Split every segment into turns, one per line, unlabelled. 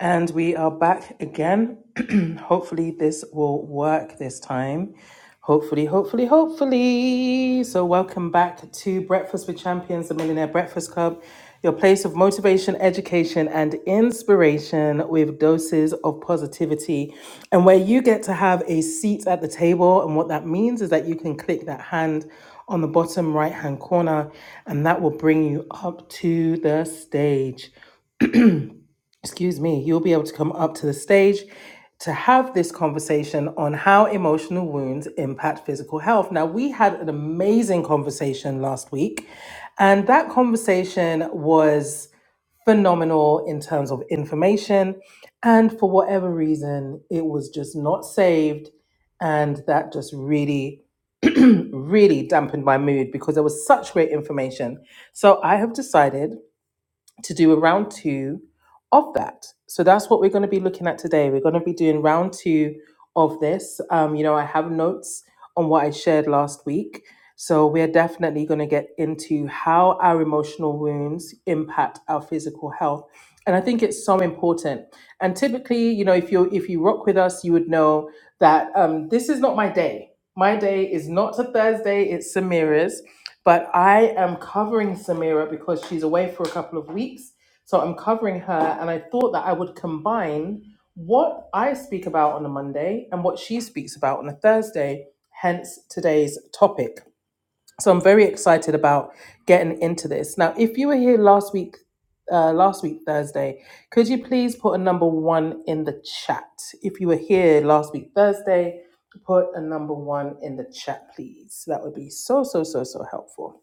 And we are back again. hopefully, this will work this time. Hopefully, hopefully, hopefully. So, welcome back to Breakfast with Champions, the Millionaire Breakfast Club, your place of motivation, education, and inspiration with doses of positivity, and where you get to have a seat at the table. And what that means is that you can click that hand on the bottom right hand corner, and that will bring you up to the stage excuse me, you'll be able to come up to the stage to have this conversation on how emotional wounds impact physical health. Now, we had an amazing conversation last week, and that conversation was phenomenal in terms of information. And for whatever reason, it was just not saved. And that just really, really dampened my mood because there was such great information. So I have decided to do a round two of that. So that's what we're going to be looking at today. We're going to be doing round two of this. Um, you know, I have notes on what I shared last week. So we're definitely going to get into how our emotional wounds impact our physical health. And I think it's so important. And typically, you know, if you if you rock with us, you would know that um, this is not my day. My day is not a Thursday, it's Samira's but I am covering Samira because she's away for a couple of weeks. So I'm covering her, and I thought that I would combine what I speak about on a Monday and what she speaks about on a Thursday, hence today's topic. So I'm very excited about getting into this. Now, if you were here last week, uh, last week Thursday, could you please put a number one in the chat? If you were here last week Thursday, put a number one in the chat, please. That would be so so so so helpful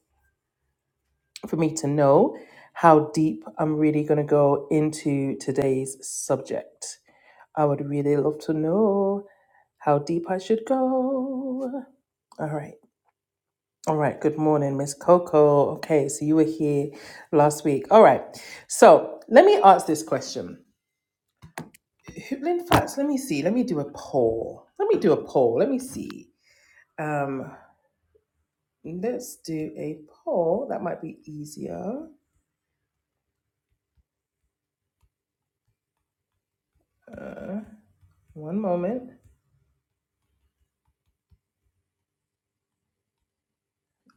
for me to know how deep I'm really going to go into today's subject. I would really love to know how deep I should go. All right. All right. Good morning, Miss Coco. Okay. So you were here last week. All right. So let me ask this question. In fact, let me see. Let me do a poll. Let me do a poll. Let me see. Um, let's do a poll. That might be easier. Uh, one moment.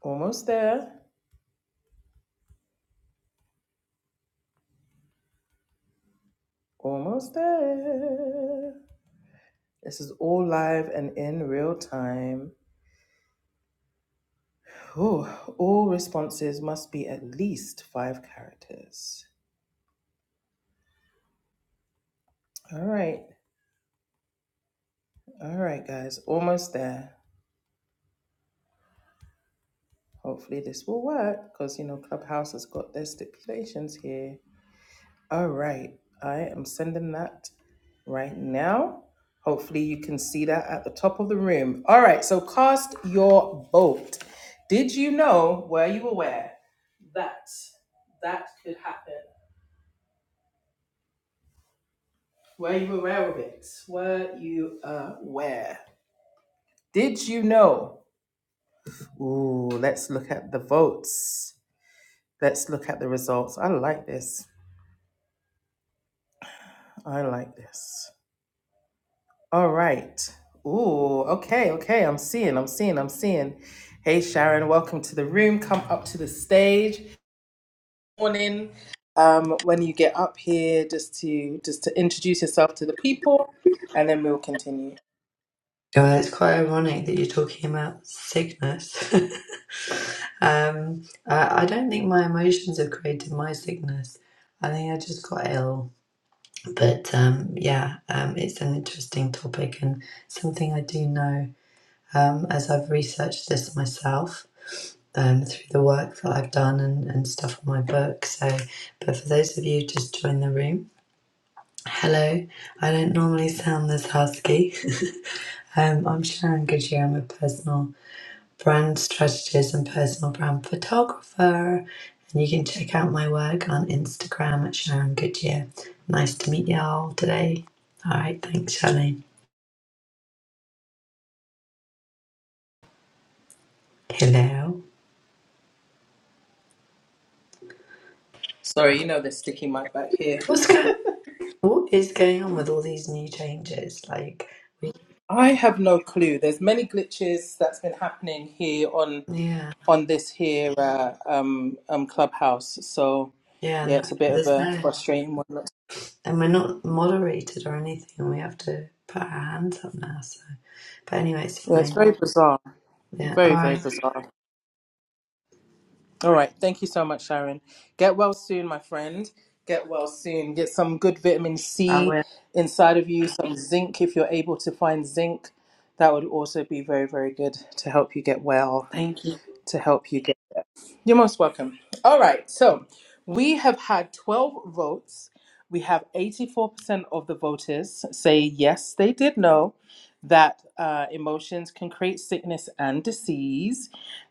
Almost there. Almost there. This is all live and in real time. Whew, all responses must be at least five characters. All right, all right, guys, almost there. Hopefully, this will work because you know Clubhouse has got their stipulations here. All right. I am sending that right now. Hopefully, you can see that at the top of the room. All right. So, cast your vote. Did you know, were you aware that that could happen? Were you aware of it? Were you aware? Did you know? Ooh, let's look at the votes. Let's look at the results. I like this. I like this. All right. Ooh, okay, okay. I'm seeing, I'm seeing, I'm seeing. Hey, Sharon, welcome to the room. Come up to the stage. Morning. Um, when you get up here, just to just to introduce yourself to the people, and then we'll continue.
God, it's quite ironic that you're talking about sickness. um, I, I don't think my emotions have created my sickness. I think I just got ill. But um, yeah, um, it's an interesting topic and something I do know um, as I've researched this myself um, through the work that I've done and, and stuff on my book. So, but for those of you who just joined the room, Hello, I don't normally sound this husky. um, I'm Sharon Goodyear. I'm a personal brand strategist and personal brand photographer. And you can check out my work on Instagram at Sharon Goodyear. Nice to meet y'all today. All right, thanks, Charlene. Hello.
Sorry, you know the sticky mic back here.
What's going? What is going on with all these new changes? Like, we,
I have no clue. There's many glitches that's been happening here on
yeah,
on this here uh, um, um, clubhouse. So
yeah.
yeah,
no-
it's a bit of
There's
a
no.
frustrating one. Yeah,
and we're not moderated or anything, and we have to put our hands up now. So, but anyway, it's
it's
fine.
very bizarre.
Yeah, all
Very, very
right.
bizarre. All right. Thank you so much, Sharon. Get well soon, my friend. Get well soon. Get some good vitamin
I
C
will.
inside of you, some zinc if you're able to find zinc. That would also be very, very good to help you get well,
Thank you.
to help you get. You're most welcome. All right. So we have had 12 votes. We have 84% of the voters say yes, they did know that uh, emotions can create sickness and disease.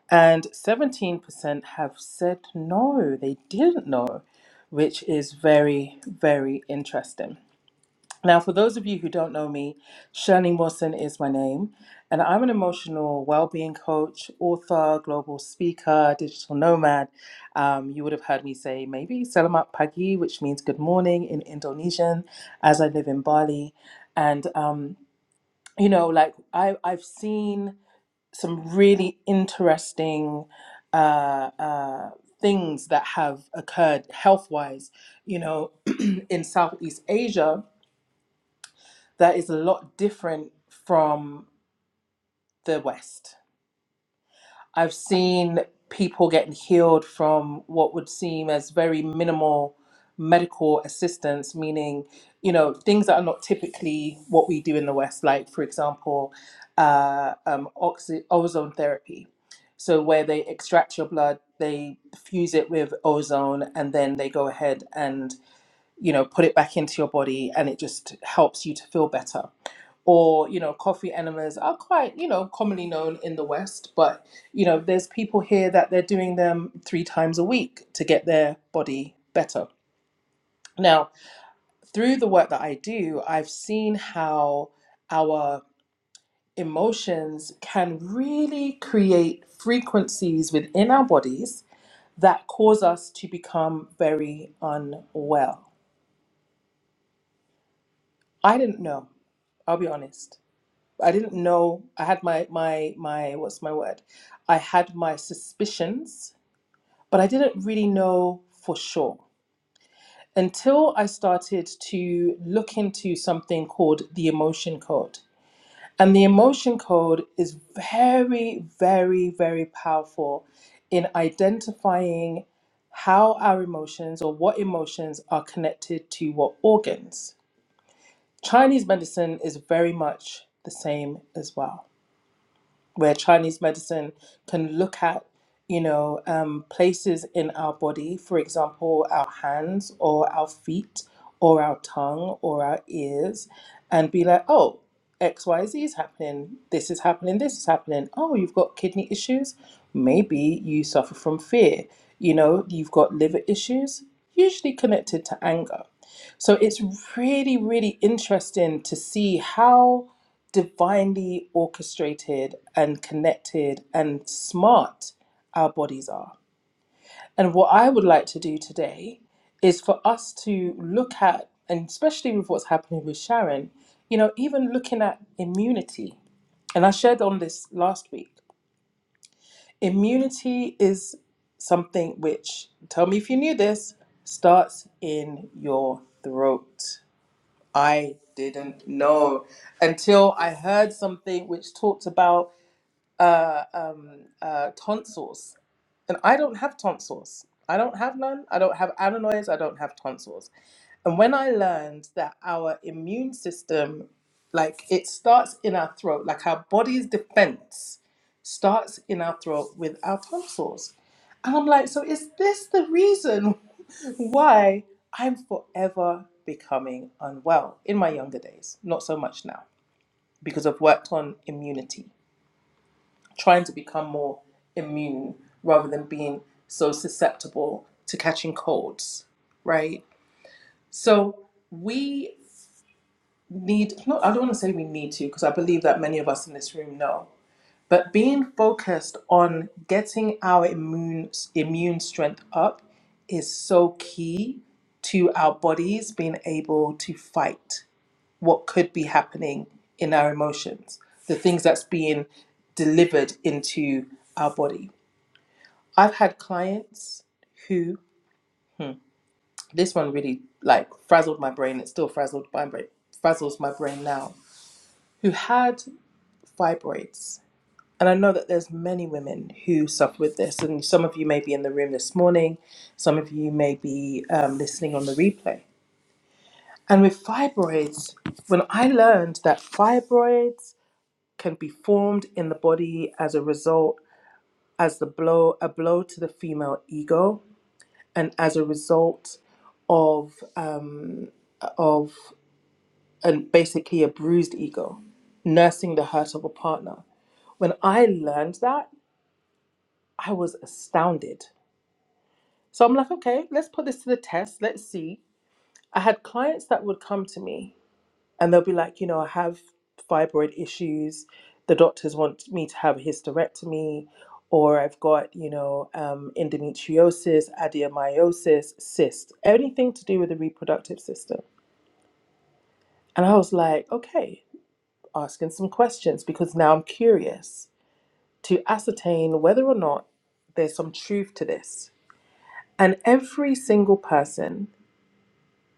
And 17% have said no, they didn't know, which is very, very interesting. Now, for those of you who don't know me, Shirley Wilson is my name, and I'm an emotional well-being coach, author, global speaker, digital nomad. Um, you would have heard me say maybe "Selamat pagi," which means "good morning" in Indonesian, as I live in Bali, and um, you know like I, i've seen some really interesting uh, uh, things that have occurred health-wise you know in southeast asia that is a lot different from the west I've seen people getting healed from what would seem as very minimal medical assistance, meaning, you know, things that are not typically what we do in the West, like, for example, uh, um, oxy- ozone therapy. So, where they extract your blood, they fuse it with ozone, and then they go ahead and, you know, put it back into your body, and it just helps you to feel better or you know coffee enemas are quite you know commonly known in the west but you know there's people here that they're doing them three times a week to get their body better now through the work that i do i've seen how our emotions can really create frequencies within our bodies that cause us to become very unwell i didn't know i'll be honest I didn't know. I had my my my what's my word? I had my suspicions, but I didn't really know for sure until I started to look into something called the emotion code. And the emotion code is very very very powerful in identifying how our emotions or what emotions are connected to what organs. Chinese medicine is very much the same as well. where Chinese medicine can look at, you know, um, places in our body, for example, our hands or our feet or our tongue or our ears, and be like, oh, X, Y, Z is happening. This is happening. This is happening. Oh, you've got kidney issues. Maybe you suffer from fear. You know, you've got liver issues, usually connected to anger. So it's really, really interesting to see how divinely orchestrated and connected and smart our bodies are. And what I would like to do today is for us to look at, and especially with what's happening with Sharon, you know, even looking at immunity. And I shared on this last week. Immunity is something which, tell me if you knew this, starts in your throat. I didn't know until I heard something which talked about tonsils. And I don't have tonsils. I don't have none. I don't have adenoids. I don't have tonsils. And when I learned that our immune system, like it starts in our throat, like our body's defense starts in our throat with our tonsils. And I'm like, so is this the reason why I'm forever becoming unwell in my younger days? Not so much now because I've worked on immunity trying to become more immune rather than being so susceptible to catching colds, right? So we need, no, I don't want to say we need to, because I believe that many of us in this room know, but being focused on getting our immune, immune strength up is so key to our bodies being able to fight what could be happening in our emotions, the things that's being delivered into our body I've had clients who this one really like frazzled my brain. It still frazzled my brain, frazzles my brain now. Who had fibroids, and I know that there's many women who suffer with this. And some of you may be in the room this morning. Some of you may be um, listening on the replay. And with fibroids, when I learned that fibroids can be formed in the body as a result as the blow a blow to the female ego, and as a result of of and basically a bruised ego, nursing the hurt of a partner. When I learned that, I was astounded. So I'm like, okay, let's put this to the test. Let's see. I had clients that would come to me and they'll be like, you know, I have fibroid issues. The doctors want me to have a hysterectomy, or I've got, you know, um, endometriosis, adenomyosis, cyst, anything to do with the reproductive system. And I was like, okay, asking some questions because now I'm curious to ascertain whether or not there's some truth to this. And every single person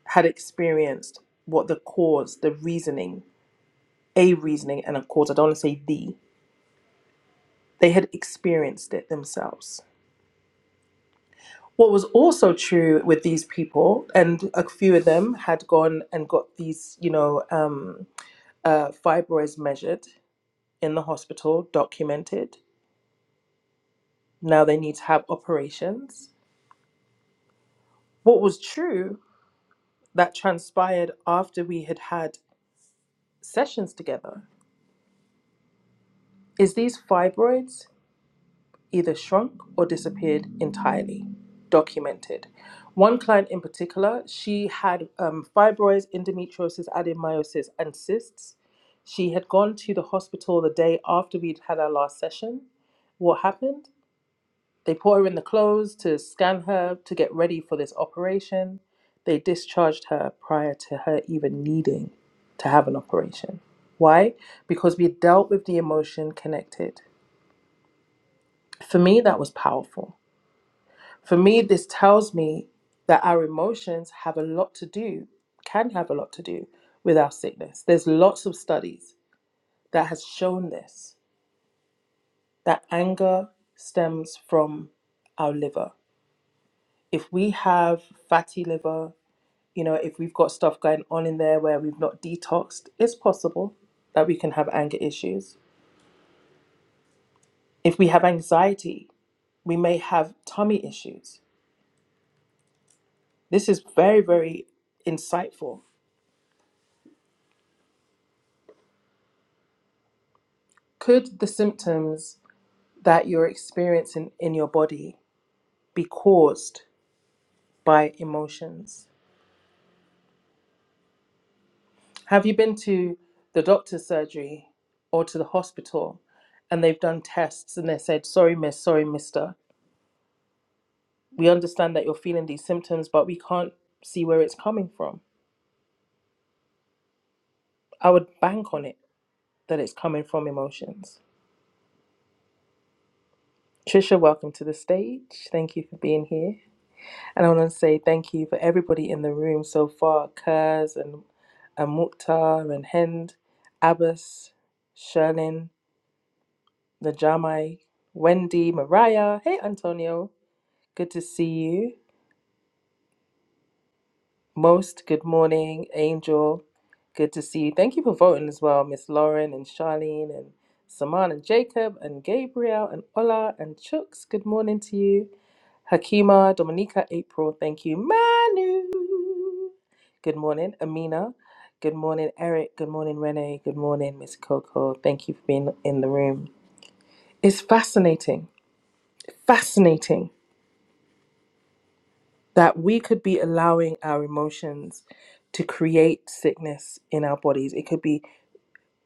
had experienced what the cause, the reasoning, a reasoning and a cause, I don't want to say the, they had experienced it themselves. What was also true with these people, and a few of them had gone and got these, you know, um, uh, fibroids measured in the hospital, documented. Now they need to have operations What was true that transpired after we had had sessions together is these fibroids either shrunk or disappeared entirely, documented. One client in particular, she had um, fibroids, endometriosis, adenomyosis, and cysts. She had gone to the hospital the day after we'd had our last session. What happened? They put her in the clothes to scan her to get ready for this operation. They discharged her prior to her even needing to have an operation. Why? Because we dealt with the emotion connected. For me, that was powerful. For me, this tells me that our emotions have a lot to do, can have a lot to do with our sickness. There's lots of studies that has shown this, that anger stems from our liver. If we have fatty liver, you know, if we've got stuff going on in there where we've not detoxed, it's possible that we can have anger issues. If we have anxiety, we may have tummy issues. This is very, very insightful. Could the symptoms that you're experiencing in your body be caused by emotions? Have you been to the doctor's surgery or to the hospital and they've done tests and they said, sorry, miss, sorry, mister? We understand that you're feeling these symptoms, but we can't see where it's coming from. I would bank on it that it's coming from emotions. Trisha, welcome to the stage. Thank you for being here. And I want to say thank you for everybody in the room so far Kurz and, and Mukhtar and Hend, Abbas, Sherlin, Najamai, Wendy, Mariah. Hey, Antonio. Good to see you. Most, good morning, Angel. Good to see you. Thank you for voting as well, Miss Lauren and Charlene and Saman and Jacob and Gabriel and Ola and Chooks. Good morning to you. Hakima, Dominica, April. Thank you. Manu. Good morning, Amina. Good morning, Eric. Good morning, Renee. Good morning, Miss Coco. Thank you for being in the room. It's fascinating. Fascinating that we could be allowing our emotions to create sickness in our bodies. It could be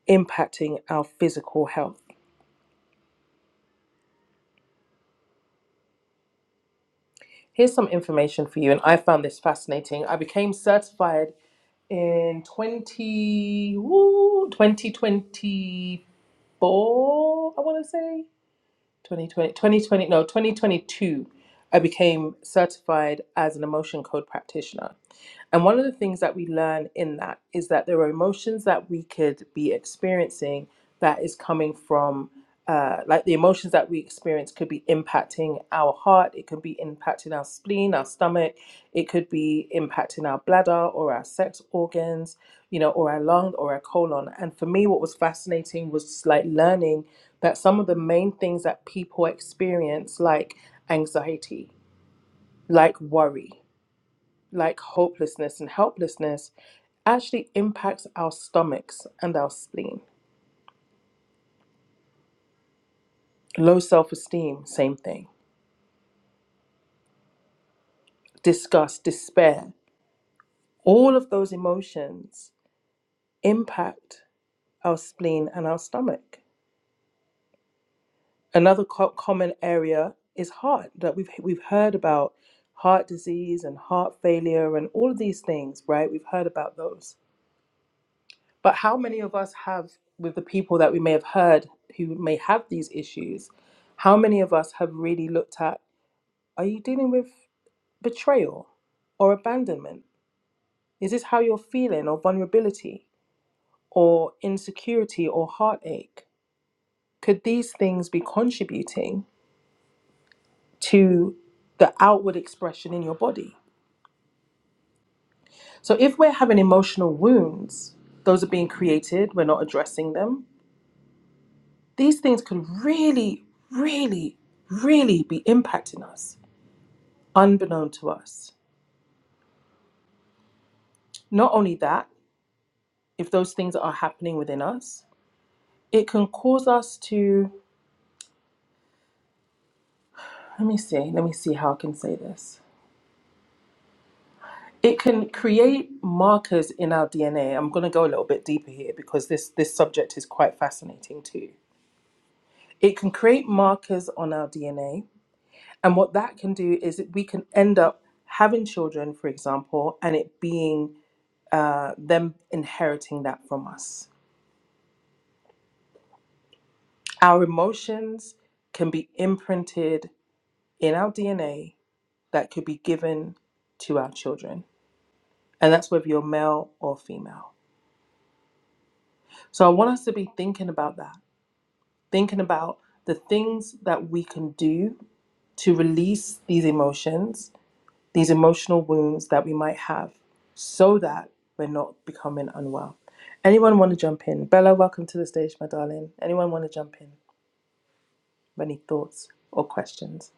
impacting our physical health. Here's some information for you, and I found this fascinating. I became certified in 20, woo, 2024, I want to say. 2020, 2020 no 2022 i became certified as an emotion code practitioner and one of the things that we learn in that is that there are emotions that we could be experiencing that is coming from uh, like the emotions that we experience could be impacting our heart it could be impacting our spleen our stomach it could be impacting our bladder or our sex organs you know or our lung or our colon and for me what was fascinating was like learning that some of the main things that people experience, like anxiety, like worry, like hopelessness and helplessness, actually impacts our stomachs and our spleen. Low self esteem, same thing. Disgust, despair, all of those emotions impact our spleen and our stomach. Another co- common area is heart that we've, we've heard about heart disease and heart failure and all of these things, right? We've heard about those But how many of us have, with the people that we may have heard who may have these issues, how many of us have really looked at are you dealing with betrayal or abandonment? Is this how you're feeling, or vulnerability, or insecurity, or heartache? Could these things be contributing to the outward expression in your body? So, if we're having emotional wounds, those are being created, we're not addressing them These things could really, really, really be impacting us, unbeknown to us. Not only that, if those things are happening within us, it can cause us to, let me see, let me see how I can say this. It can create markers in our DNA. I'm going to go a little bit deeper here because this, this subject is quite fascinating too. It can create markers on our DNA. And what that can do is that we can end up having children, for example, and it being uh, them inheriting that from us. Our emotions can be imprinted in our DNA that could be given to our children. And that's whether you're male or female. So I want us to be thinking about that, thinking about the things that we can do to release these emotions, these emotional wounds that we might have, so that we're not becoming unwell. Anyone want to jump in? Bella, welcome to the stage, my darling. Anyone want to jump in? any thoughts or questions?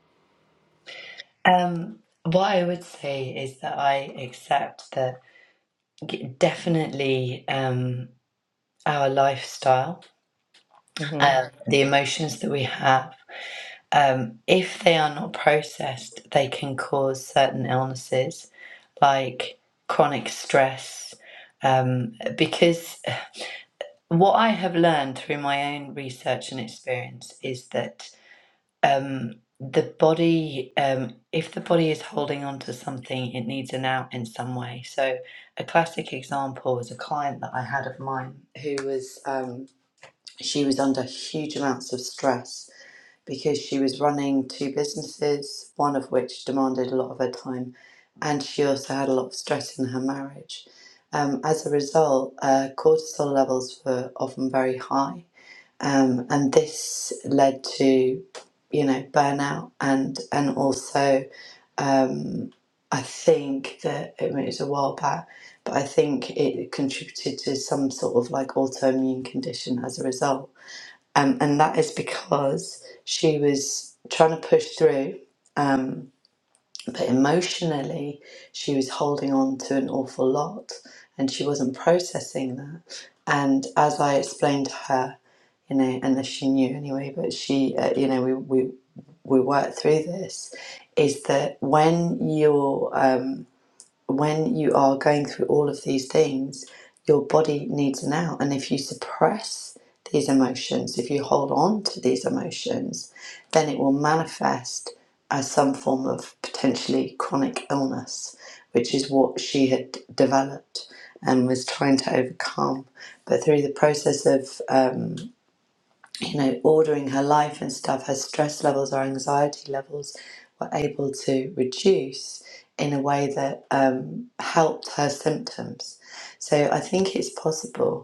Um, what I would say is that I accept that g- definitely um, our lifestyle,
hmm
uh, the emotions that we have, um, if they are not processed, they can cause certain illnesses like chronic stress. Um, because what I have learned through my own research and experience is that um, the body, um, if the body is holding on to something, it needs an out in some way. So, a classic example was a client that I had of mine who was, um, she was under huge amounts of stress because she was running two businesses, one of which demanded a lot of her time, and she also had a lot of stress in her marriage. Um, as a result, uh, cortisol levels were often very high, um, and this led to, you know, burnout and and also um, I think that I mean, it was a while back, but I think it contributed to some sort of like autoimmune condition as a result um, and that is because she was trying to push through, um, but emotionally, she was holding on to an awful lot and she wasn't processing that. And as I explained to her, you know, unless she knew anyway, but she, uh, you know, we, we, we worked through this is that when you're, um, when you are going through all of these things, your body needs an out. And if you suppress these emotions, if you hold on to these emotions, then it will manifest as some form of potentially chronic illness, which is what she had developed and was trying to overcome. But through the process of um, you know, ordering her life and stuff, her stress levels, her anxiety levels were able to reduce in a way that um, helped her symptoms. So I think it's possible.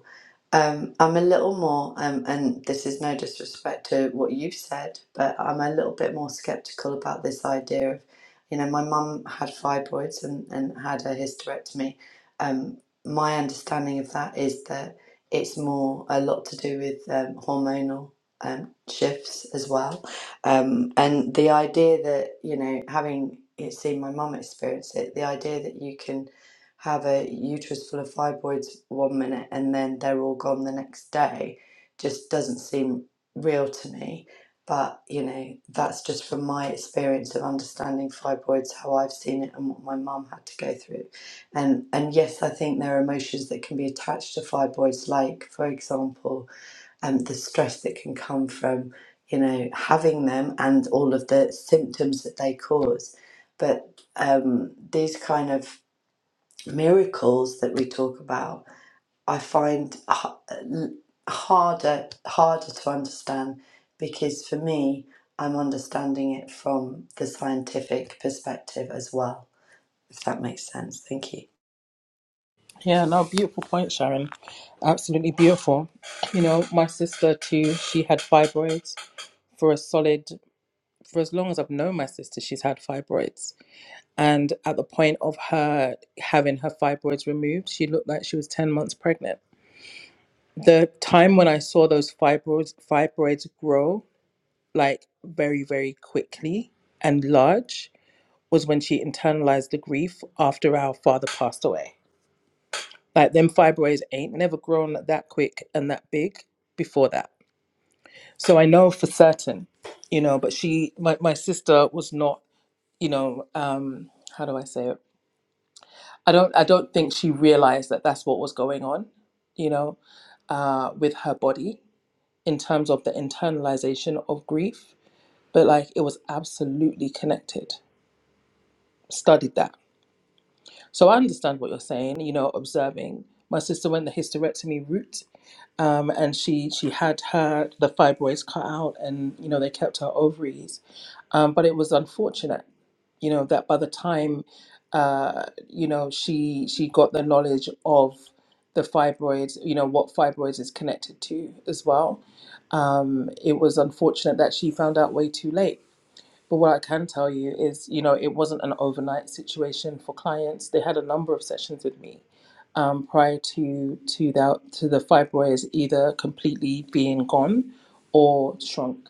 Um, I'm a little more, um, and this is no disrespect to what you've said, but I'm a little bit more skeptical about this idea of, you know, my mum had fibroids and, and had a hysterectomy. Um, my understanding of that is that it's more a lot to do with um, hormonal um, shifts as well. Um, and the idea that, you know, having it seen my mum experience it, the idea that you can have a uterus full of fibroids one minute and then they're all gone the next day just doesn't seem real to me. But, you know, that's just from my experience of understanding fibroids, how I've seen it and what my mum had to go through. And and yes, I think there are emotions that can be attached to fibroids, like, for example, um, the stress that can come from, you know, having them and all of the symptoms that they cause. But um, these kind of miracles that we talk about, I find h- l- harder harder to understand because for me, I'm understanding it from the scientific perspective as well. If that makes sense, thank you.
Yeah, no, beautiful point, Sharon. Absolutely beautiful. You know, my sister too, she had fibroids for a solid, for as long as I've known my sister, she's had fibroids. And at the point of her having her fibroids removed, she looked like she was 10 months pregnant. The time when I saw those fibroids, fibroids grow like very, very quickly and large was when she internalized the grief after our father passed away Like them fibroids ain't never grown that quick and that big before that. So I know for certain, you know, but she my, my sister was not, you know, um how do I say it? I don't I don't think she realized that that's what was going on, you know, uh with her body in terms of the internalization of grief, but like it was absolutely connected. Studied that So I understand what you're saying, you know, observing. My sister went the hysterectomy route um, and she, she had her, the fibroids cut out and, you know, they kept her ovaries. Um, but it was unfortunate, you know, that by the time, uh, you know, she, she got the knowledge of the fibroids, you know, what fibroids is connected to as well. Um, it was unfortunate that she found out way too late but what I can tell you is, you know, it wasn't an overnight situation for clients. They had a number of sessions with me um, prior to to that to the fibroids either completely being gone or shrunk.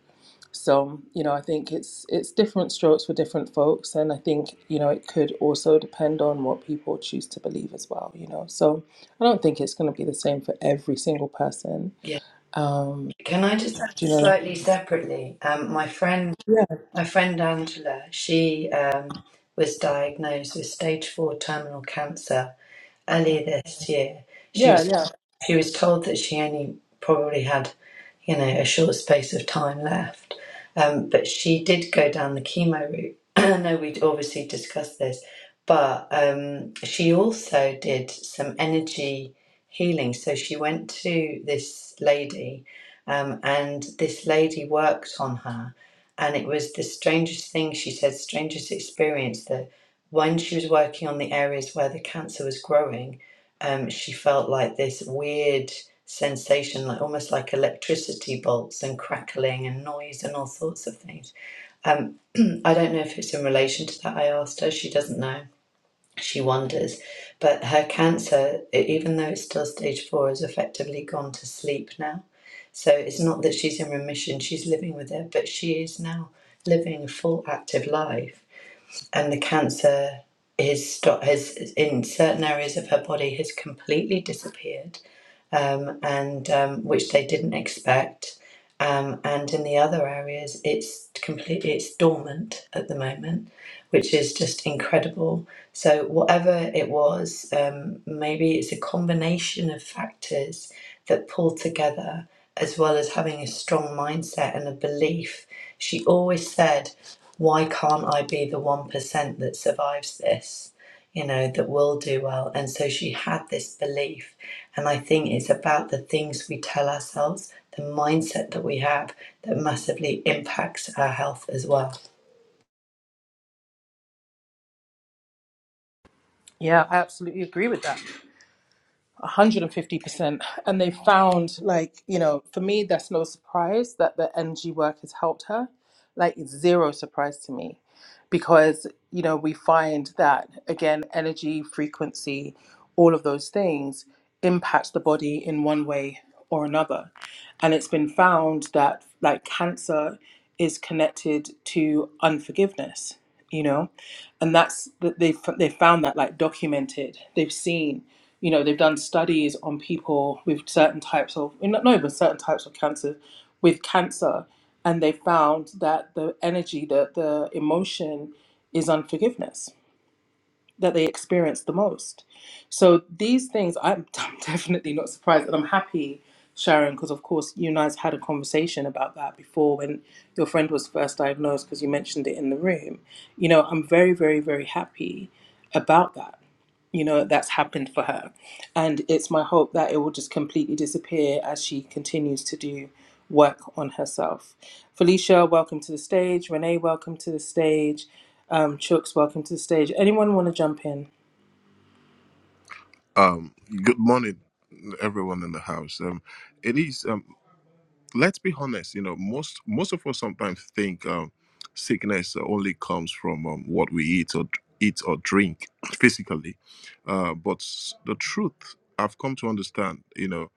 So, you know, I think it's it's different strokes for different folks, and I think you know it could also depend on what people choose to believe as well. You know, so I don't think it's going to be the same for every single person.
Yeah.
Um,
Can I just add
do you know?
slightly separately? Um, my friend,
Yeah,
my friend Angela, she um, was diagnosed with stage four terminal cancer earlier this year, she
yeah,
was
yeah.
she was told that she only probably had, you know, a short space of time left. Um, but she did go down the chemo route. I know we'd obviously discussed this, but um, she also did some energy healing. So she went to this lady, um, and this lady worked on her. And it was the strangest thing, she said, strangest experience when she was working on the areas where the cancer was growing, um, she felt like this weird sensation, like almost like electricity bolts and crackling and noise and all sorts of things. Um, I don't know if it's in relation to that. I asked her; she doesn't know. She wonders, but her cancer, e- even though it's still stage four, has effectively gone to sleep now. So it's not that she's in remission; she's living with it, but she is now living a full active life and the cancer is, sto- has in certain areas of her body has completely disappeared um, and um, which they didn't expect. Um, and in the other areas, it's completely it's dormant at the moment, which is just incredible. So whatever it was, um, maybe it's a combination of factors that pull together, as well as having a strong mindset and a belief. She always said, "Why can't I be the one percent that survives this?" You know that will do well. And so she had this belief and I think it's about the things we tell ourselves, the mindset that we have that massively impacts our health as well.
Yeah, I absolutely agree with that. 150% and they found like you know for me that's no surprise that the ng work has helped her like it's zero surprise to me because you know we find that again energy frequency all of those things impacts the body in one way or another and it's been found that like cancer is connected to unforgiveness you know and that's that they've they've found that like documented. They've seen, you know, they've done studies on people with certain types of eh, not not even certain types of cancer, with cancer, and they found that the energy, the the emotion, is unforgiveness that they experience the most. So these things, I'm, I'm definitely not surprised, and I'm happy, Sharon, because of course you and I's had a conversation about that before when your friend was first diagnosed, because you mentioned it in the room. You know, I'm very, very, very happy about that you know that's happened for her and it's my hope that it will just completely disappear as she continues to do work on herself felicia welcome to the stage renee welcome to the stage um, chooks welcome to the stage anyone want to jump in
Um, good morning, everyone in the house. Um, it is. Um, let's be honest. You know, most most of us sometimes think um, sickness only comes from um, what we eat or eat or drink physically, uh, but s- the truth I've come to understand, you know,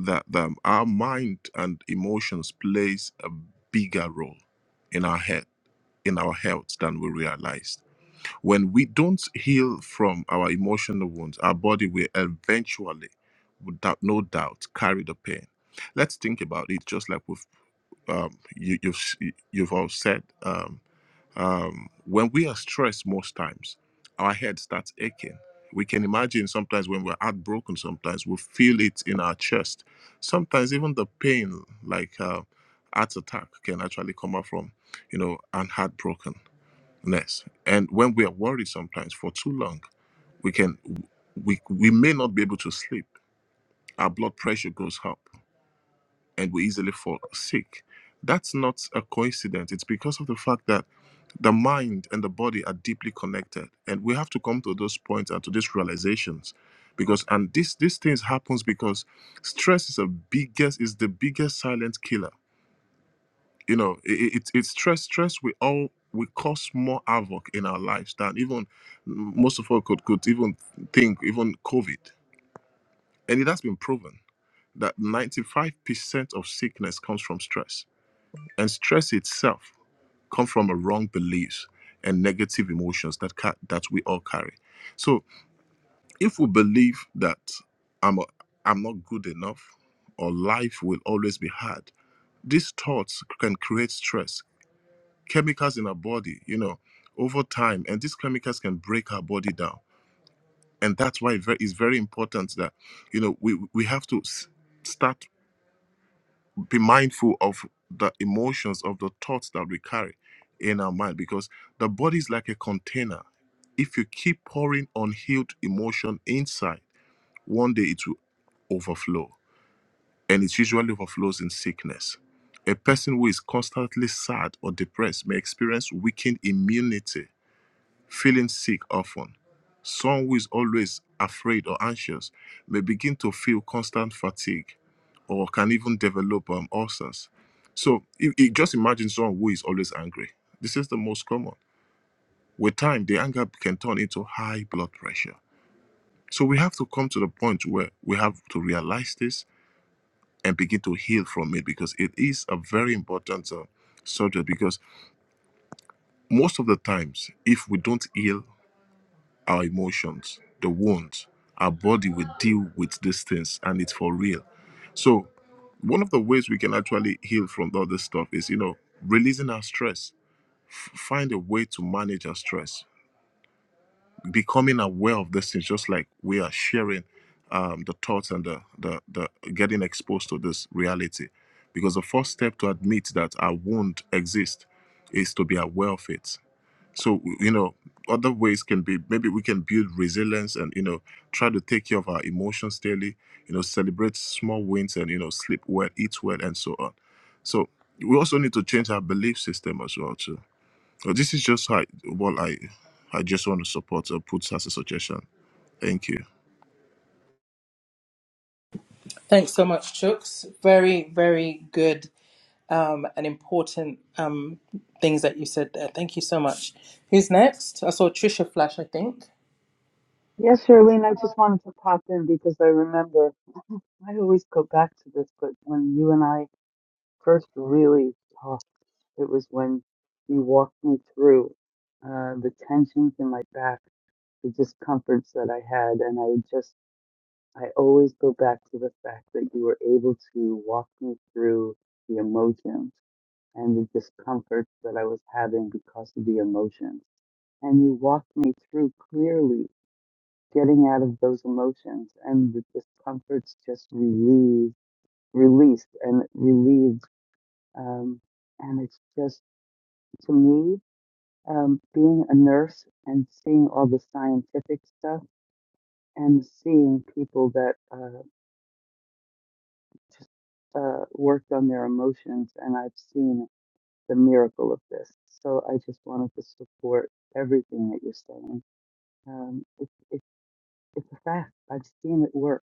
that um, our mind and emotions plays a bigger role in our head in our health than we realize when we don't heal from our emotional wounds, our body will eventually, without no doubt, carry the pain. Let's think about it, just like we've, um, you, you've s- you've all said. Um, um, when we are stressed, most times our head starts aching. We can imagine sometimes when we're heartbroken, sometimes we feel it in our chest. Sometimes even the pain, like uh, heart attack, can actually come up from you know, and heartbroken ness and when we are worried sometimes for too long we can we we may not be able to sleep our blood pressure goes up and we easily fall sick that's not a coincidence it's because of the fact that the mind and the body are deeply connected and we have to come to those points and to these realizations because and this these things happens because stress is a biggest is the biggest silent killer you know it, it, it's it's stress stress we all we cause more havoc in our lives than even most of us could, could even think even covid and it has been proven that 95% of sickness comes from stress and stress itself comes from a wrong beliefs and negative emotions that ca- that we all carry so if we believe that i'm a, i'm not good enough or life will always be hard these thoughts can create stress chemicals in our body, you know, over time. And these chemicals can break our body down. And that's why it ve- it's very important that, you know, we, we have to s- start be mindful of the emotions, of the thoughts that we carry in our mind, because the body is like a container. If you keep pouring unhealed emotion inside, one day it will overflow. And it usually overflows in sickness. A person who is constantly sad or depressed may experience weakened immunity feeling sick often. Someone who is always afraid or anxious may begin to feel constant fatigue or can even develop um, ulcers. So i- i- just imagine someone who is always angry. This is the most common. With time, the anger can turn into high blood pressure. So we have to come to the point where we have to realize this and begin to heal from it because it is a very important uh, subject. Because most of the times, if we don't heal our emotions, the wounds. Our body will deal with these things, and it's for real. So, one of the ways we can actually heal from all this stuff is, you know, releasing our stress. F- find a way to manage our stress. Becoming aware of this things, just like we are sharing um, the thoughts and the, the the getting exposed to this reality. Because the first step to admit that our wound exists is to be aware of it so you know other ways can be maybe we can build resilience and you know try to take care of our emotions daily you know celebrate small wins and you know sleep well eat well and so on so we also need to change our belief system as well too so this is just how, what i i just want to support or put as a suggestion thank you
thanks so much chooks very very good um, and important um, things that you said there thank you so much who's next i saw trisha flash i think
Yes, Charlene, I just wanted to pop in because I remember I always go back to this, but when you and I first really talked, it was when you walked me through uh, the tensions in my back, the discomforts that I had, and I just, I always go back to the fact that you were able to walk me through the emotions and the discomforts that I was having because of the emotions. And you walked me through clearly getting out of those emotions and the discomfort's just relieved, released and relieved. Um, and it's just, to me, um, being a nurse and seeing all the scientific stuff and seeing people that uh, just uh, worked on their emotions, and I've seen the miracle of this. So I just wanted to support everything that you're saying. Um, it, It's a fact. I've seen it work.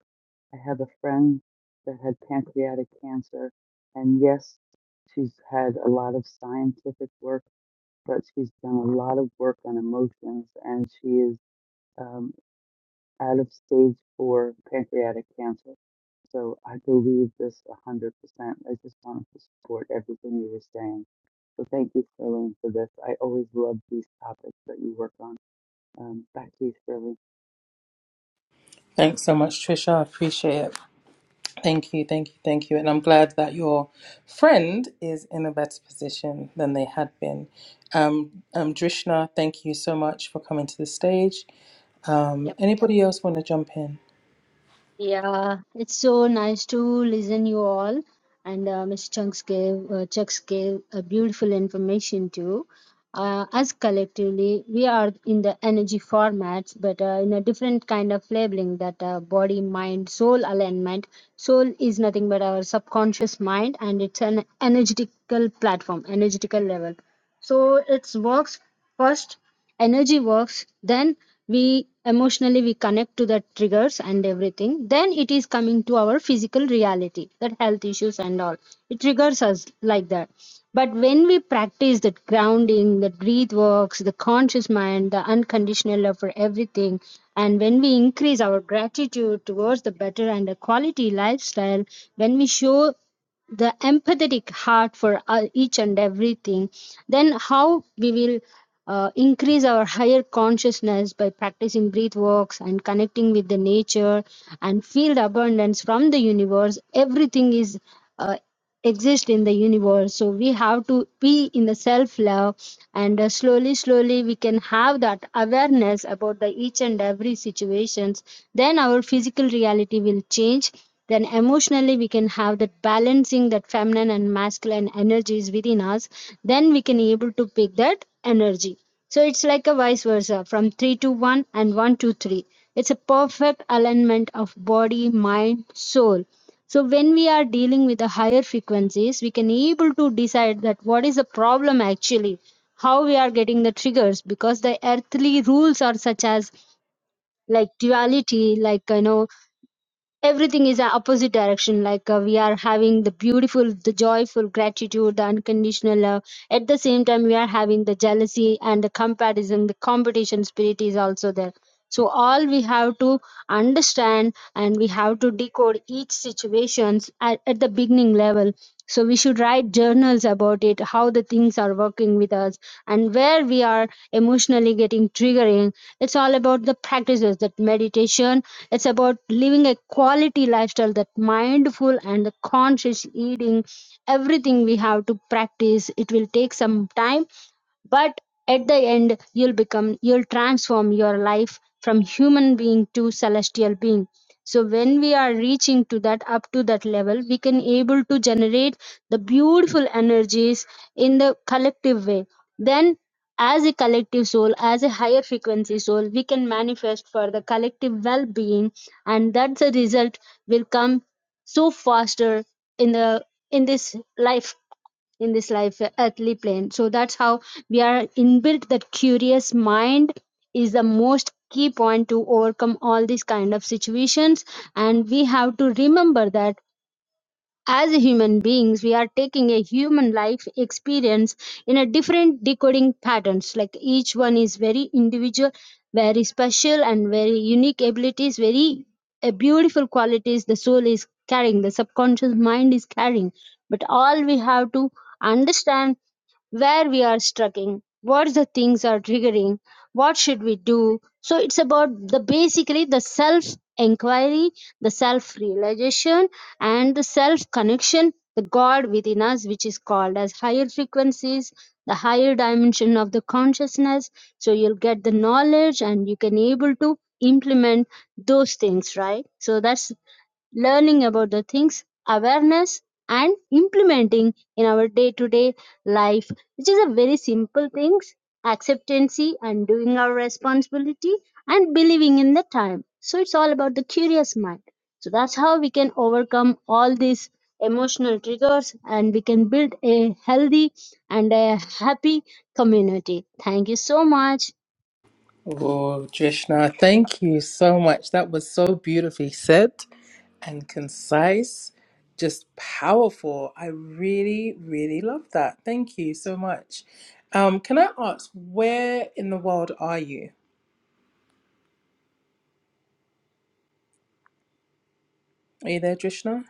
I have a friend that had pancreatic cancer, and yes, she's had a lot of scientific work, but she's done a lot of work on emotions, and she is um, out of stage four pancreatic cancer. So I believe this 100%. I just wanted to support everything you were saying. So thank you, Sterling, for this. I always love these topics that you work on. Um, back to you, Sterling.
thanks so much trisha i appreciate it Thank you, thank you, thank you. And I'm glad that your friend is in a better position than they had been. Um, um, Drishna, thank you so much for coming to the stage. Um,
Yep.
anybody else want to jump in?
Yeah, it's so nice to listen you all, and uh, Mr. Chunks gave uh, Chucks gave a beautiful information too. Uh, as collectively, we are in the energy formats, but uh, in a different kind of labeling that uh, body, mind, soul alignment. Soul is nothing but our subconscious mind, and it's an energetical platform, energetical level. So it works first energy works then we emotionally we connect to the triggers and everything then it is coming to our physical reality that health issues and all it triggers us like that but when we practice that grounding the breath works the conscious mind the unconditional love for everything and when we increase our gratitude towards the better and the quality lifestyle when we show the empathetic heart for uh, each and everything, then how we will uh, increase our higher consciousness by practicing breath works and connecting with the nature and feel the abundance from the universe. Everything is. uh, exist in the universe so we have to be in the self love and uh, slowly slowly we can have that awareness about the each and every situations then our physical reality will change then emotionally we can have that balancing that feminine and masculine energies within us then we can able to pick that energy so it's like a vice versa from 3 to 1 and 1 to 3 it's a perfect alignment of body mind soul so when we are dealing with the higher frequencies, we can able to decide that what is the problem actually, how we are getting the triggers, because the earthly rules are such as like duality, like you know everything is a opposite direction like uh, we are having the beautiful the joyful gratitude the unconditional love at the same time we are having the jealousy and the comparison the competition spirit is also there so all we have to understand and we have to decode each situations at, at the beginning level so we should write journals about it how the things are working with us and where we are emotionally getting triggering it's all about the practices that meditation it's about living a quality lifestyle that mindful and the conscious eating. Everything we have to practice. It will take some time but at the end, you'll become, you'll transform your life from human being to celestial being. So when we are reaching to that, up to that level, we can able to generate the beautiful energies in the collective way. Then as a collective soul, as a higher frequency soul, we can manifest for the collective well-being, and that's the result will come so faster in the in this life in this life uh, earthly plane so that's how we are inbuilt that curious mind is the most key point to overcome all these kind of situations and we have to remember that as human beings we are taking a human life experience in a different decoding patterns like each one is very individual very special and very unique abilities very uh, beautiful qualities the soul is carrying the subconscious mind is carrying but all we have to understand where we are struggling, what the things are triggering, what should we do. So it's about the basically the self inquiry, the self realization, and the self connection, the God within us, which is called as higher frequencies, the higher dimension of the consciousness. So you'll get the knowledge and you can able to implement those things, right? So that's learning about the things, awareness, and implementing in our day to day life, which is a very simple things acceptancy and doing our responsibility and believing in the time. So it's all about the curious mind. So that's how we can overcome all these emotional triggers and we can build a healthy and a happy community. Thank you so much.
Oh, Drishna, thank you so much. That was so beautifully said and concise, just powerful. I really, really love that. Thank you so much. Um, can I ask, where in the world are you? Are you there, Drishna?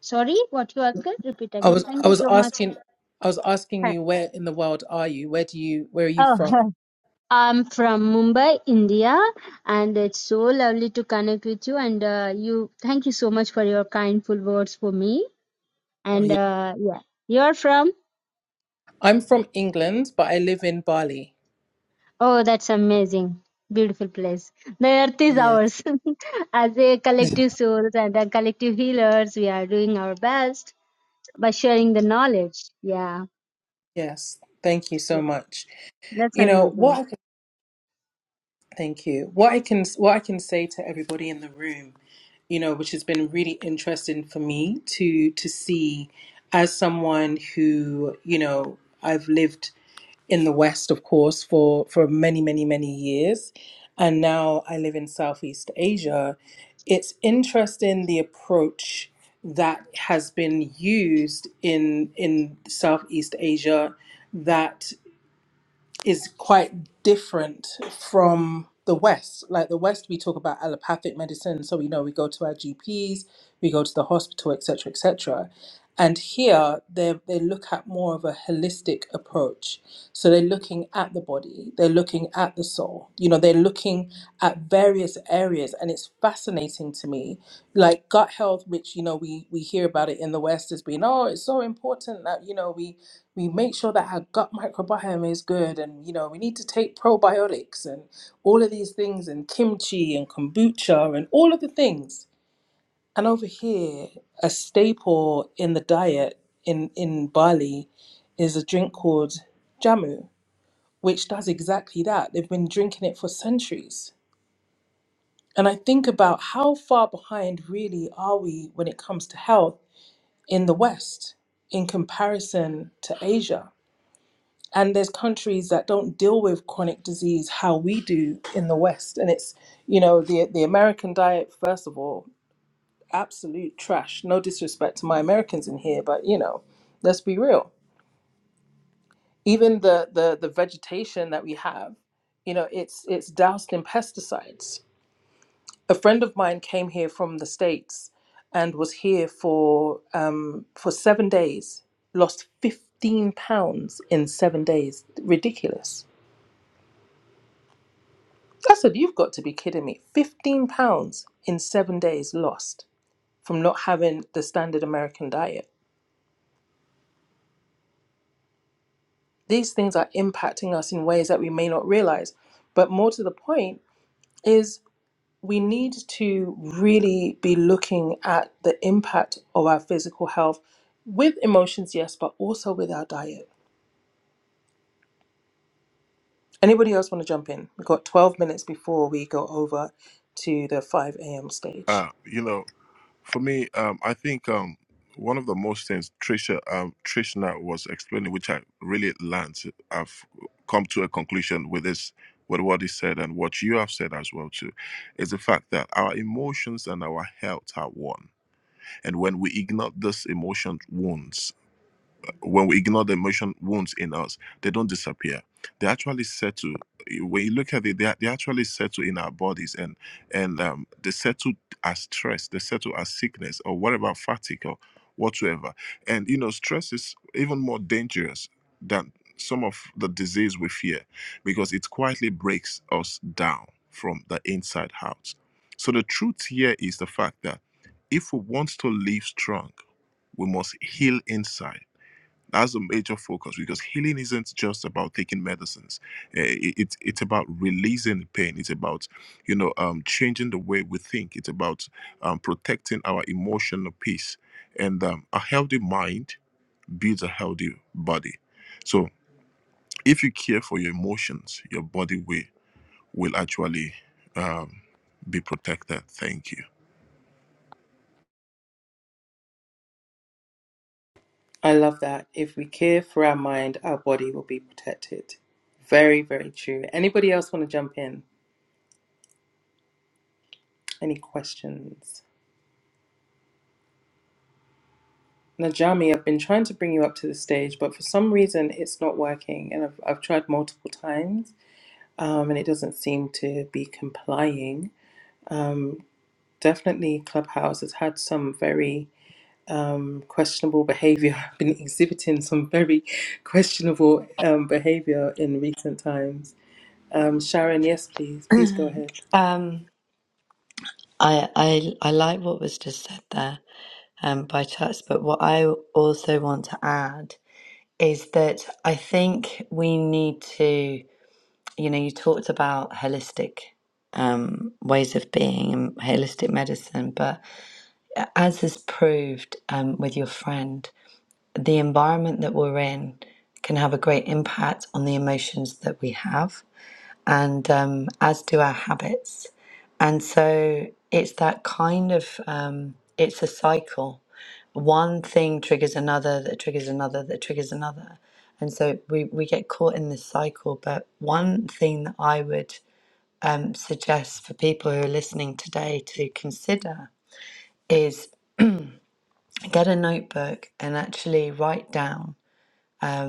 Sorry, what you asked? Repeat
I
again.
was
Thank
I
you
was
so much.
asking I was asking
Hi.
you where in the world are you? Where do you where are you
Oh,
from?
I'm from Mumbai, India, and it's so lovely to connect with you. And uh, you, thank you so much for your kindful words for me.
Are
And
you,
uh, yeah, you're from?
I'm from England, but I live in Bali.
Oh, that's amazing. Beautiful place. The earth is
Yeah.
ours. As a collective souls and a collective healers, we are doing our best by sharing the knowledge. Yeah,
Yes. Thank you
yeah.
so much.
that's
You know
amazing.
what I can thank you. What I can what I can say to everybody in the room, you know, which has been really interesting for me to to see as someone who, you know, I've lived in the West, of course, for, for many, many, many years. And now I live in Southeast Asia. It's interesting the approach that has been used in in Southeast Asia that is quite different from the West. Like the West, we talk about allopathic medicine, so we know we go to our GPs, we go to the hospital, etc., etc. And here, they they look at more of a holistic approach. So they're looking at the body, they're looking at the soul. You know, they're looking at various areas and it's fascinating to me like gut health which you know we we hear about it in the west as being oh it's so important that you know we we make sure that our gut microbiome is good and you know we need to take probiotics and all of these things and kimchi and kombucha and all of the things and over here a staple in the diet in in bali is a drink called jamu which does exactly that they've been drinking it for centuries and I think about how far behind really are we when it comes to health in the West in comparison to Asia. And there's countries that don't deal with chronic disease how we do in the West. And it's, you know, the the American diet, first of all, absolute trash. No disrespect to my Americans in here, but you know, let's be real. Even the the the vegetation that we have, you know, it's it's doused in pesticides a friend of mine came here from the states and was here for um, for seven days lost 15 pounds in seven days ridiculous i said you've got to be kidding me 15 pounds in seven days lost from not having the standard american diet these things are impacting us in ways that we may not realize but more to the point is we need to really be looking at the impact of our physical health with emotions, yes, but also with our diet. Anybody else want to jump in? We've got 12 minutes before we go over to the 5 a.m. stage.
uh you know For me, um, I think um, one of the most things Trisha um, Trishna was explaining, which I really learned, I've come to a conclusion with this, with what he said and what you have said as well too, is the fact that our emotions and our health are one, and when we ignore these emotion wounds when we ignore the emotion wounds in us, they don't disappear. They actually settle. eh, When you look at it, they, are- they actually settle in our bodies, and and um, they settle as stress, they settle as sickness or whatever fatigue or whatsoever. And you know, stress is even more dangerous than some of the disease we fear, because it quietly breaks us down from the inside out. So the truth here is the fact that if we want to live strong, we must heal inside that's a major focus because healing isn't just about taking medicines. Eh, it- It's it's about releasing pain. It's about you know um, changing the way we think. It's about um, protecting our emotional peace. And um, a healthy mind builds a healthy body. So if you care for your emotions, your body will will actually um, be protected. Thank you.
I love that. If we care for our mind, our body will be protected. Very, very true. Anybody else want to jump in? Any questions? Najami, I've been trying to bring you up to the stage, but for some reason it's not working, and I've, I've tried multiple times. um, and it doesn't seem to be complying. Um, definitely, Clubhouse has had some very um, questionable behavior, been exhibiting some very questionable um, behavior in recent times. Um, Sharon, yes, please, please go ahead.
Um, I, I I like what was just said there um, by Church, but what I also want to add is that I think we need to, you know, you talked about holistic um, ways of being and holistic medicine, but as is proved um, with your friend. the environment that we're in can have a great impact on the emotions that we have, and um, as do our habits. And so it's that kind of um, it's a cycle. One thing triggers another, that triggers another, that triggers another. And so we, we get caught in this cycle. But one thing that I would um, suggest for people who are listening today to consider is get a notebook and actually write down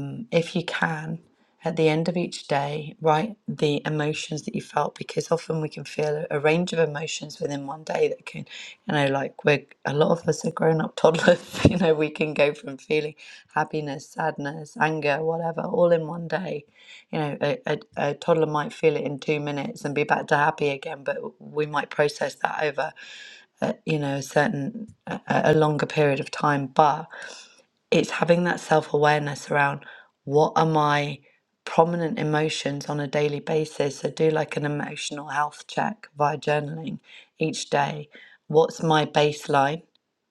um, if you can, at the end of each day, write the emotions that you felt because often we can feel a range of emotions within one day that can, you know, like we're a lot of us are grown up toddlers, you know, we can go from feeling happiness, sadness, anger, whatever, all in one day. You know, a, a, a toddler might feel it in two minutes and be back to happy again, but we might process that over uh, you know, a certain, a, a longer period of time. But it's having that self awareness around what are my prominent emotions on a daily basis. So, do like an emotional health check via journaling each day. What's my baseline?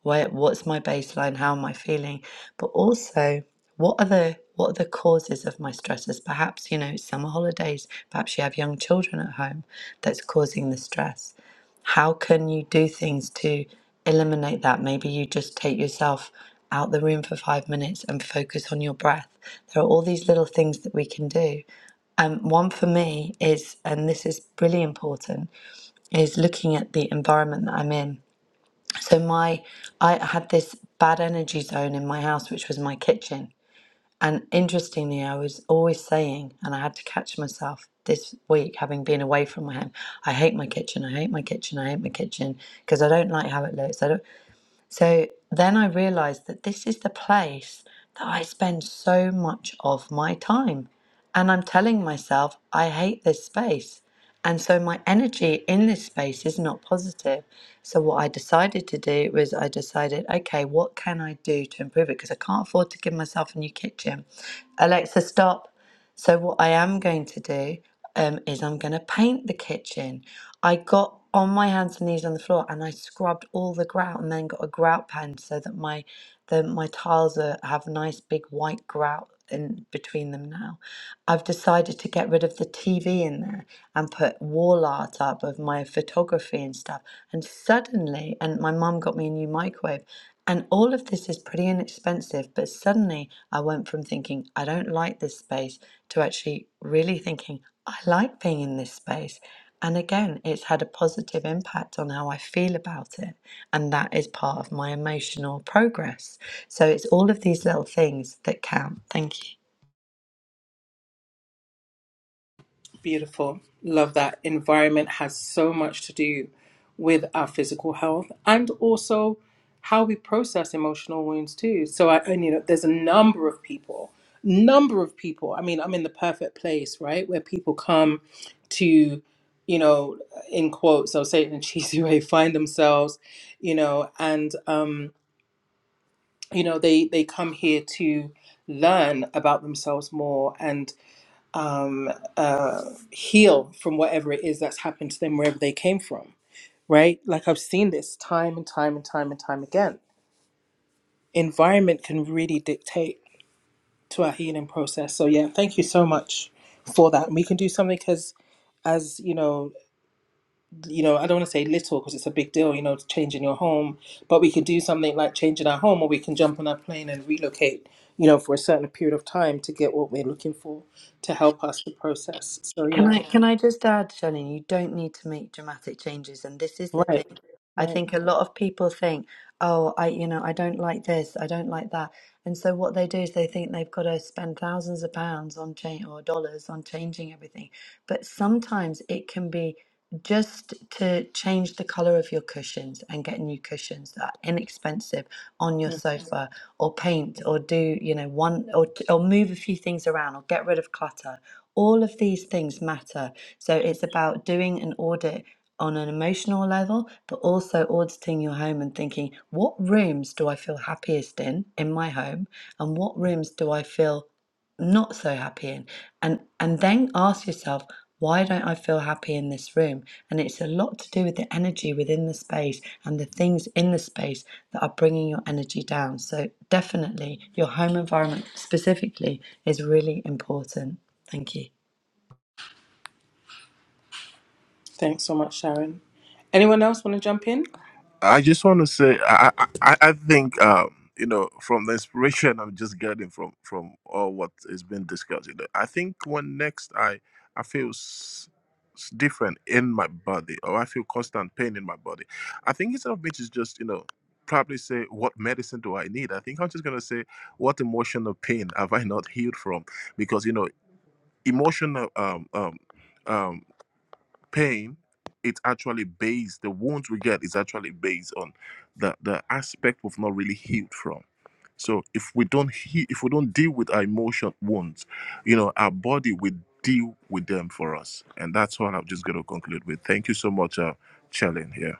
Where, what's my baseline? How am I feeling? But also, what are the what are the causes of my stresses? Perhaps you know it's summer holidays. Perhaps you have young children at home that's causing the stress how can you do things to eliminate that? Maybe you just take yourself out the room for five minutes and focus on your breath. There are all these little things that we can do. Um, one for me is, and this is really important, is looking at the environment that I'm in. So my, I had this bad energy zone in my house, which was my kitchen, and interestingly, I was always saying, and I had to catch myself this week, having been away from my home, I hate my kitchen, I hate my kitchen, I hate my kitchen, because I don't like how it looks. I don't. So then I realized that this is the place that I spend so much of my time. And I'm telling myself, I hate this space. And so my energy in this space is not positive. So what I decided to do was I decided, okay, what can I do to improve it? Because I can't afford to give myself a new kitchen. Alexa, stop. So what I am going to do um, is I'm going to paint the kitchen. I got on my hands and knees on the floor and I scrubbed all the grout and then got a grout pen so that my the, my tiles are, have nice big white grout in between them now. I've decided to get rid of the TV in there and put wall art up of my photography and stuff. And suddenly, and my mum got me a new microwave, and all of this is pretty inexpensive, but suddenly I went from thinking, I don't like this space, to actually really thinking, I like being in this space. And again, it's had a positive impact on how I feel about it. And that is part of my emotional progress. So it's all of these little things that count. Thank you.
Beautiful. Love that. Environment has so much to do with our physical health and also how we process emotional wounds too. So I and you know there's a number of people, number of people. I mean, I'm in the perfect place, right? Where people come to, you know, in quotes, I'll say it in a cheesy way, find themselves, you know, and um, you know, they they come here to learn about themselves more and uh, heal from whatever it is that's happened to them wherever they came from, right? Like I've seen this time and time and time and time again. Environment can really dictate to our healing process. So yeah, thank you so much for that. And we can do something because as you know, you know, I don't want to say little because it's a big deal, you know, changing your home, but we can do something like changing our home or we can jump on a plane and relocate, you know, for a certain period of time to get what we're looking for to help us to process. So
Can
yeah,
I can I just add, Shannon, you don't need to make dramatic changes and this is the
right,
thing. I think a
right.
lot of people think, oh, I you know, I don't like this, I don't like that. And so what they do is they think they've got to spend thousands of pounds on change or dollars on changing everything. But sometimes it can be just to change the color of your cushions and get new cushions that are inexpensive on your sofa or paint or do you know one or or move a few things around or get rid of clutter all of these things matter. So it's about doing an audit on an emotional level, but also auditing your home and thinking, what rooms do I feel happiest in in my home? And what rooms do I feel not so happy in? And and then ask yourself, why don't I feel happy in this room? And it's a lot to do with the energy within the space and the things in the space that are bringing your energy down. So, definitely, your home environment specifically is really important. Thank you.
Thanks so much, Sharon. Anyone else want to jump in?
I just want to say I I, I I think um, you know from the inspiration I'm just getting from from all what is being discussed. You know, I think when next I I feel s- s- different in my body or I feel constant pain in my body, I think instead of me to just you know probably say what medicine do I need, I think I'm just gonna say what emotional pain have I not healed from because you know emotional um um. um, pain it's actually based the wounds we get is actually based on the the aspect we've not really healed from so if we don't he if we don't deal with our emotion wounds you know our body will deal with them for us and that's what i'm just going to conclude with thank you so much uh chellen here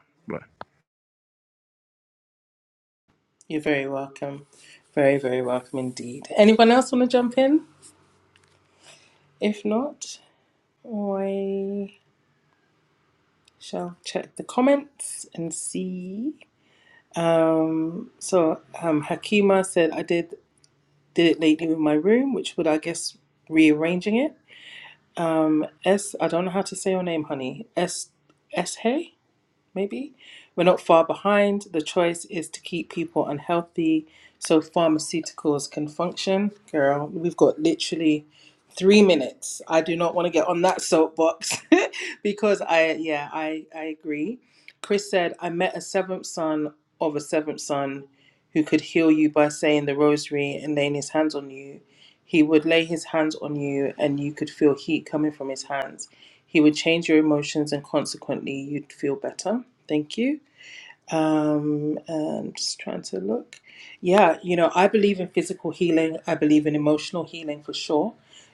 You're very welcome. Very, very welcome indeed. Anyone else want to jump in? If not, I shall check the comments and see. So, um, Hakima said, I did did it lately with my room, which would, I guess, rearranging it. Um, S, I don't know how to say your name, honey. S, S, hey? maybe. We're not far behind. The choice is to keep people unhealthy so pharmaceuticals can function. Girl, we've got literally three minutes. I do not want to get on that soapbox because I, yeah, I, I agree. Chris said, I met a seventh son of a seventh son who could heal you by saying the rosary and laying his hands on you. He would lay his hands on you and you could feel heat coming from his hands he would change your emotions, and consequently, you'd feel better. Thank you. Um, and just trying to look. Yeah, you know, I believe in physical healing. I believe in emotional healing for sure.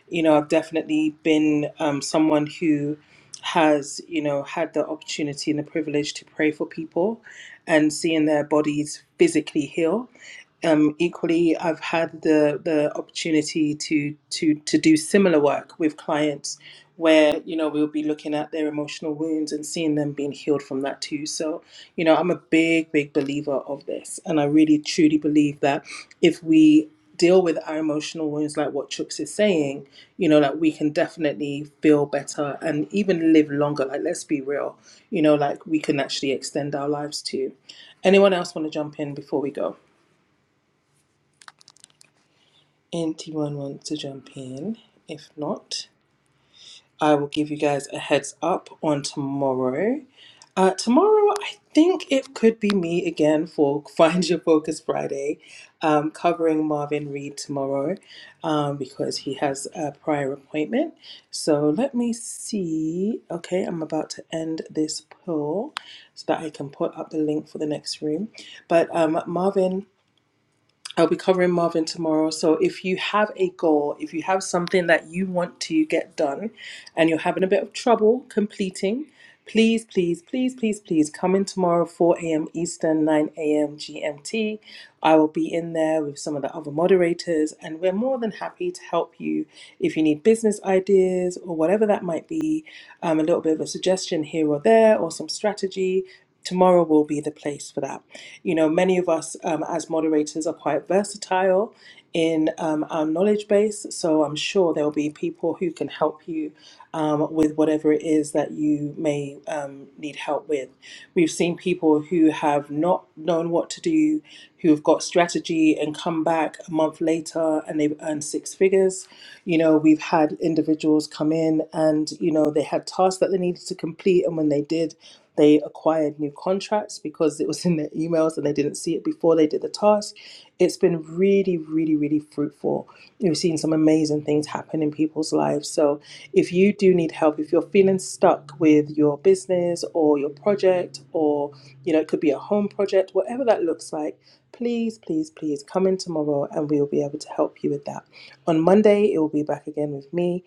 You know, I've definitely been um, someone who has, you know, had the opportunity and the privilege to pray for people and seeing their bodies physically heal um, equally, I've had the the opportunity to to to do similar work with clients where you know we'll be looking at their emotional wounds and seeing them being healed from that too so you know i'm a big big believer of this and i really truly believe that if we deal with our emotional wounds like what Chuks is saying you know like we can definitely feel better and even live longer like let's be real you know like we can actually extend our lives too anyone else want to jump in before we go anyone wants to jump in if not i will give you guys a heads up on tomorrow Uh, tomorrow, I think it could be me again for Find Your Focus Friday, um, covering Marvin Reed tomorrow um, because he has a prior appointment. So let me see. Okay, I'm about to end this poll so that I can put up the link for the next room. But um, Marvin. I'll be covering Marvin tomorrow. So if you have a goal, if you have something that you want to get done and you're having a bit of trouble completing, please, please, please, please, please come in tomorrow, 4 a.m. Eastern, 9 a.m. GMT. I will be in there with some of the other moderators, and we're more than happy to help you if you need business ideas or whatever that might be, um, a little bit of a suggestion here or there, or some strategy. Tomorrow will be the place for that. You know, many of us um, as moderators are quite versatile in um, our knowledge base, so I'm sure there'll be people who can help you um, with whatever it is that you may um, need help with. We've seen people who have not known what to do, who have got strategy and come back a month later and they've earned six figures. You know, we've had individuals come in and, you know, they had tasks that they needed to complete, and when they did, they acquired new contracts because it was in their emails and they didn't see it before they did the task. It's been really, really, really fruitful. You've seen some amazing things happen in people's lives. So if you do need help, if you're feeling stuck with your business or your project, or you know, it could be a home project, whatever that looks like, please, please, please come in tomorrow and we will be able to help you with that. On Monday, it will be back again with me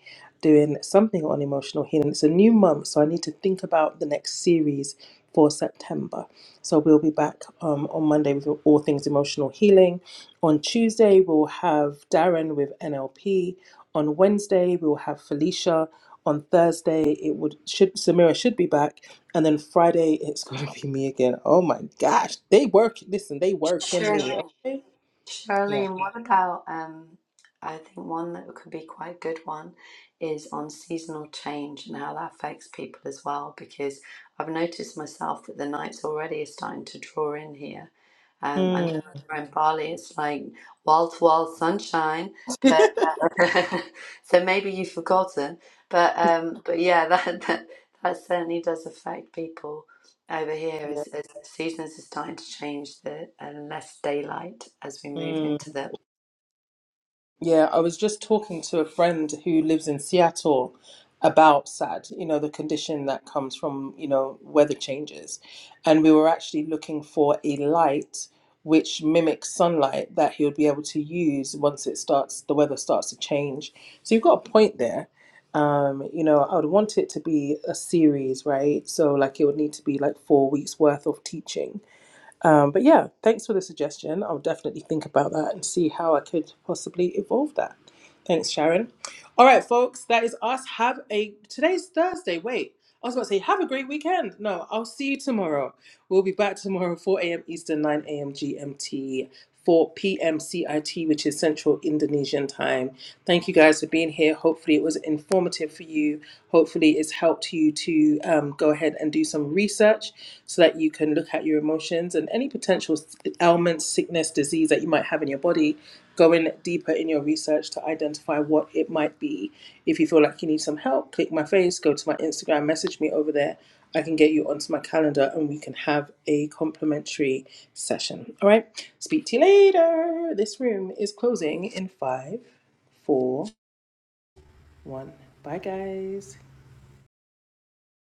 doing something on emotional healing. It's a new month, so I need to think about the next series for September. So we'll be back um, on Monday with all things emotional healing. On Tuesday, we'll have Darren with NLP. On Wednesday, we'll have Felicia. On Thursday, it would should Samira should be back, and then Friday it's going to be me again. Oh my gosh, they work. Listen, they work in
Sharon.
me. Okay, yeah.
Charlene, what about um I think one that could be quite a good one is on seasonal change and how that affects people as well, because I've noticed myself that the nights already are starting to draw in here. Um, I know
Mm,
over in Bali it's like wall to wall sunshine, but uh, so maybe you've forgotten. But um, but yeah, that, that that certainly does affect people over here
yeah.
as, as seasons are starting to change, the uh, less daylight as we move
Mm.
into the
Yeah, I was just talking to a friend who lives in Seattle about SAD, you know, the condition that comes from, you know, weather changes. And we were actually looking for a light which mimics sunlight that he would be able to use once it starts, the weather starts to change. So you've got a point there. Um, you know, I would want it to be a series, right? So like it would need to be like four weeks worth of teaching um, but yeah, thanks for the suggestion. I'll definitely think about that and see how I could possibly evolve that. Thanks, Sharon. All right, folks, that is us. Have a today's Thursday. Wait, I was about to say have a great weekend. No, I'll see you tomorrow. We'll be back tomorrow, 4 a.m. Eastern, 9 a.m. GMT, 4 p.m. CIT, which is Central Indonesian time. Thank you guys for being here. Hopefully, it was informative for you. Hopefully, it's helped you to um, go ahead and do some research so that you can look at your emotions and any potential ailments, sickness, disease that you might have in your body going deeper in your research to identify what it might be. If you feel like you need some help, click my face, go to my Instagram, message me over there. I can get you onto my calendar and we can have a complimentary session. All right. Speak to you later. This room is closing in five, four, one. Bye, guys.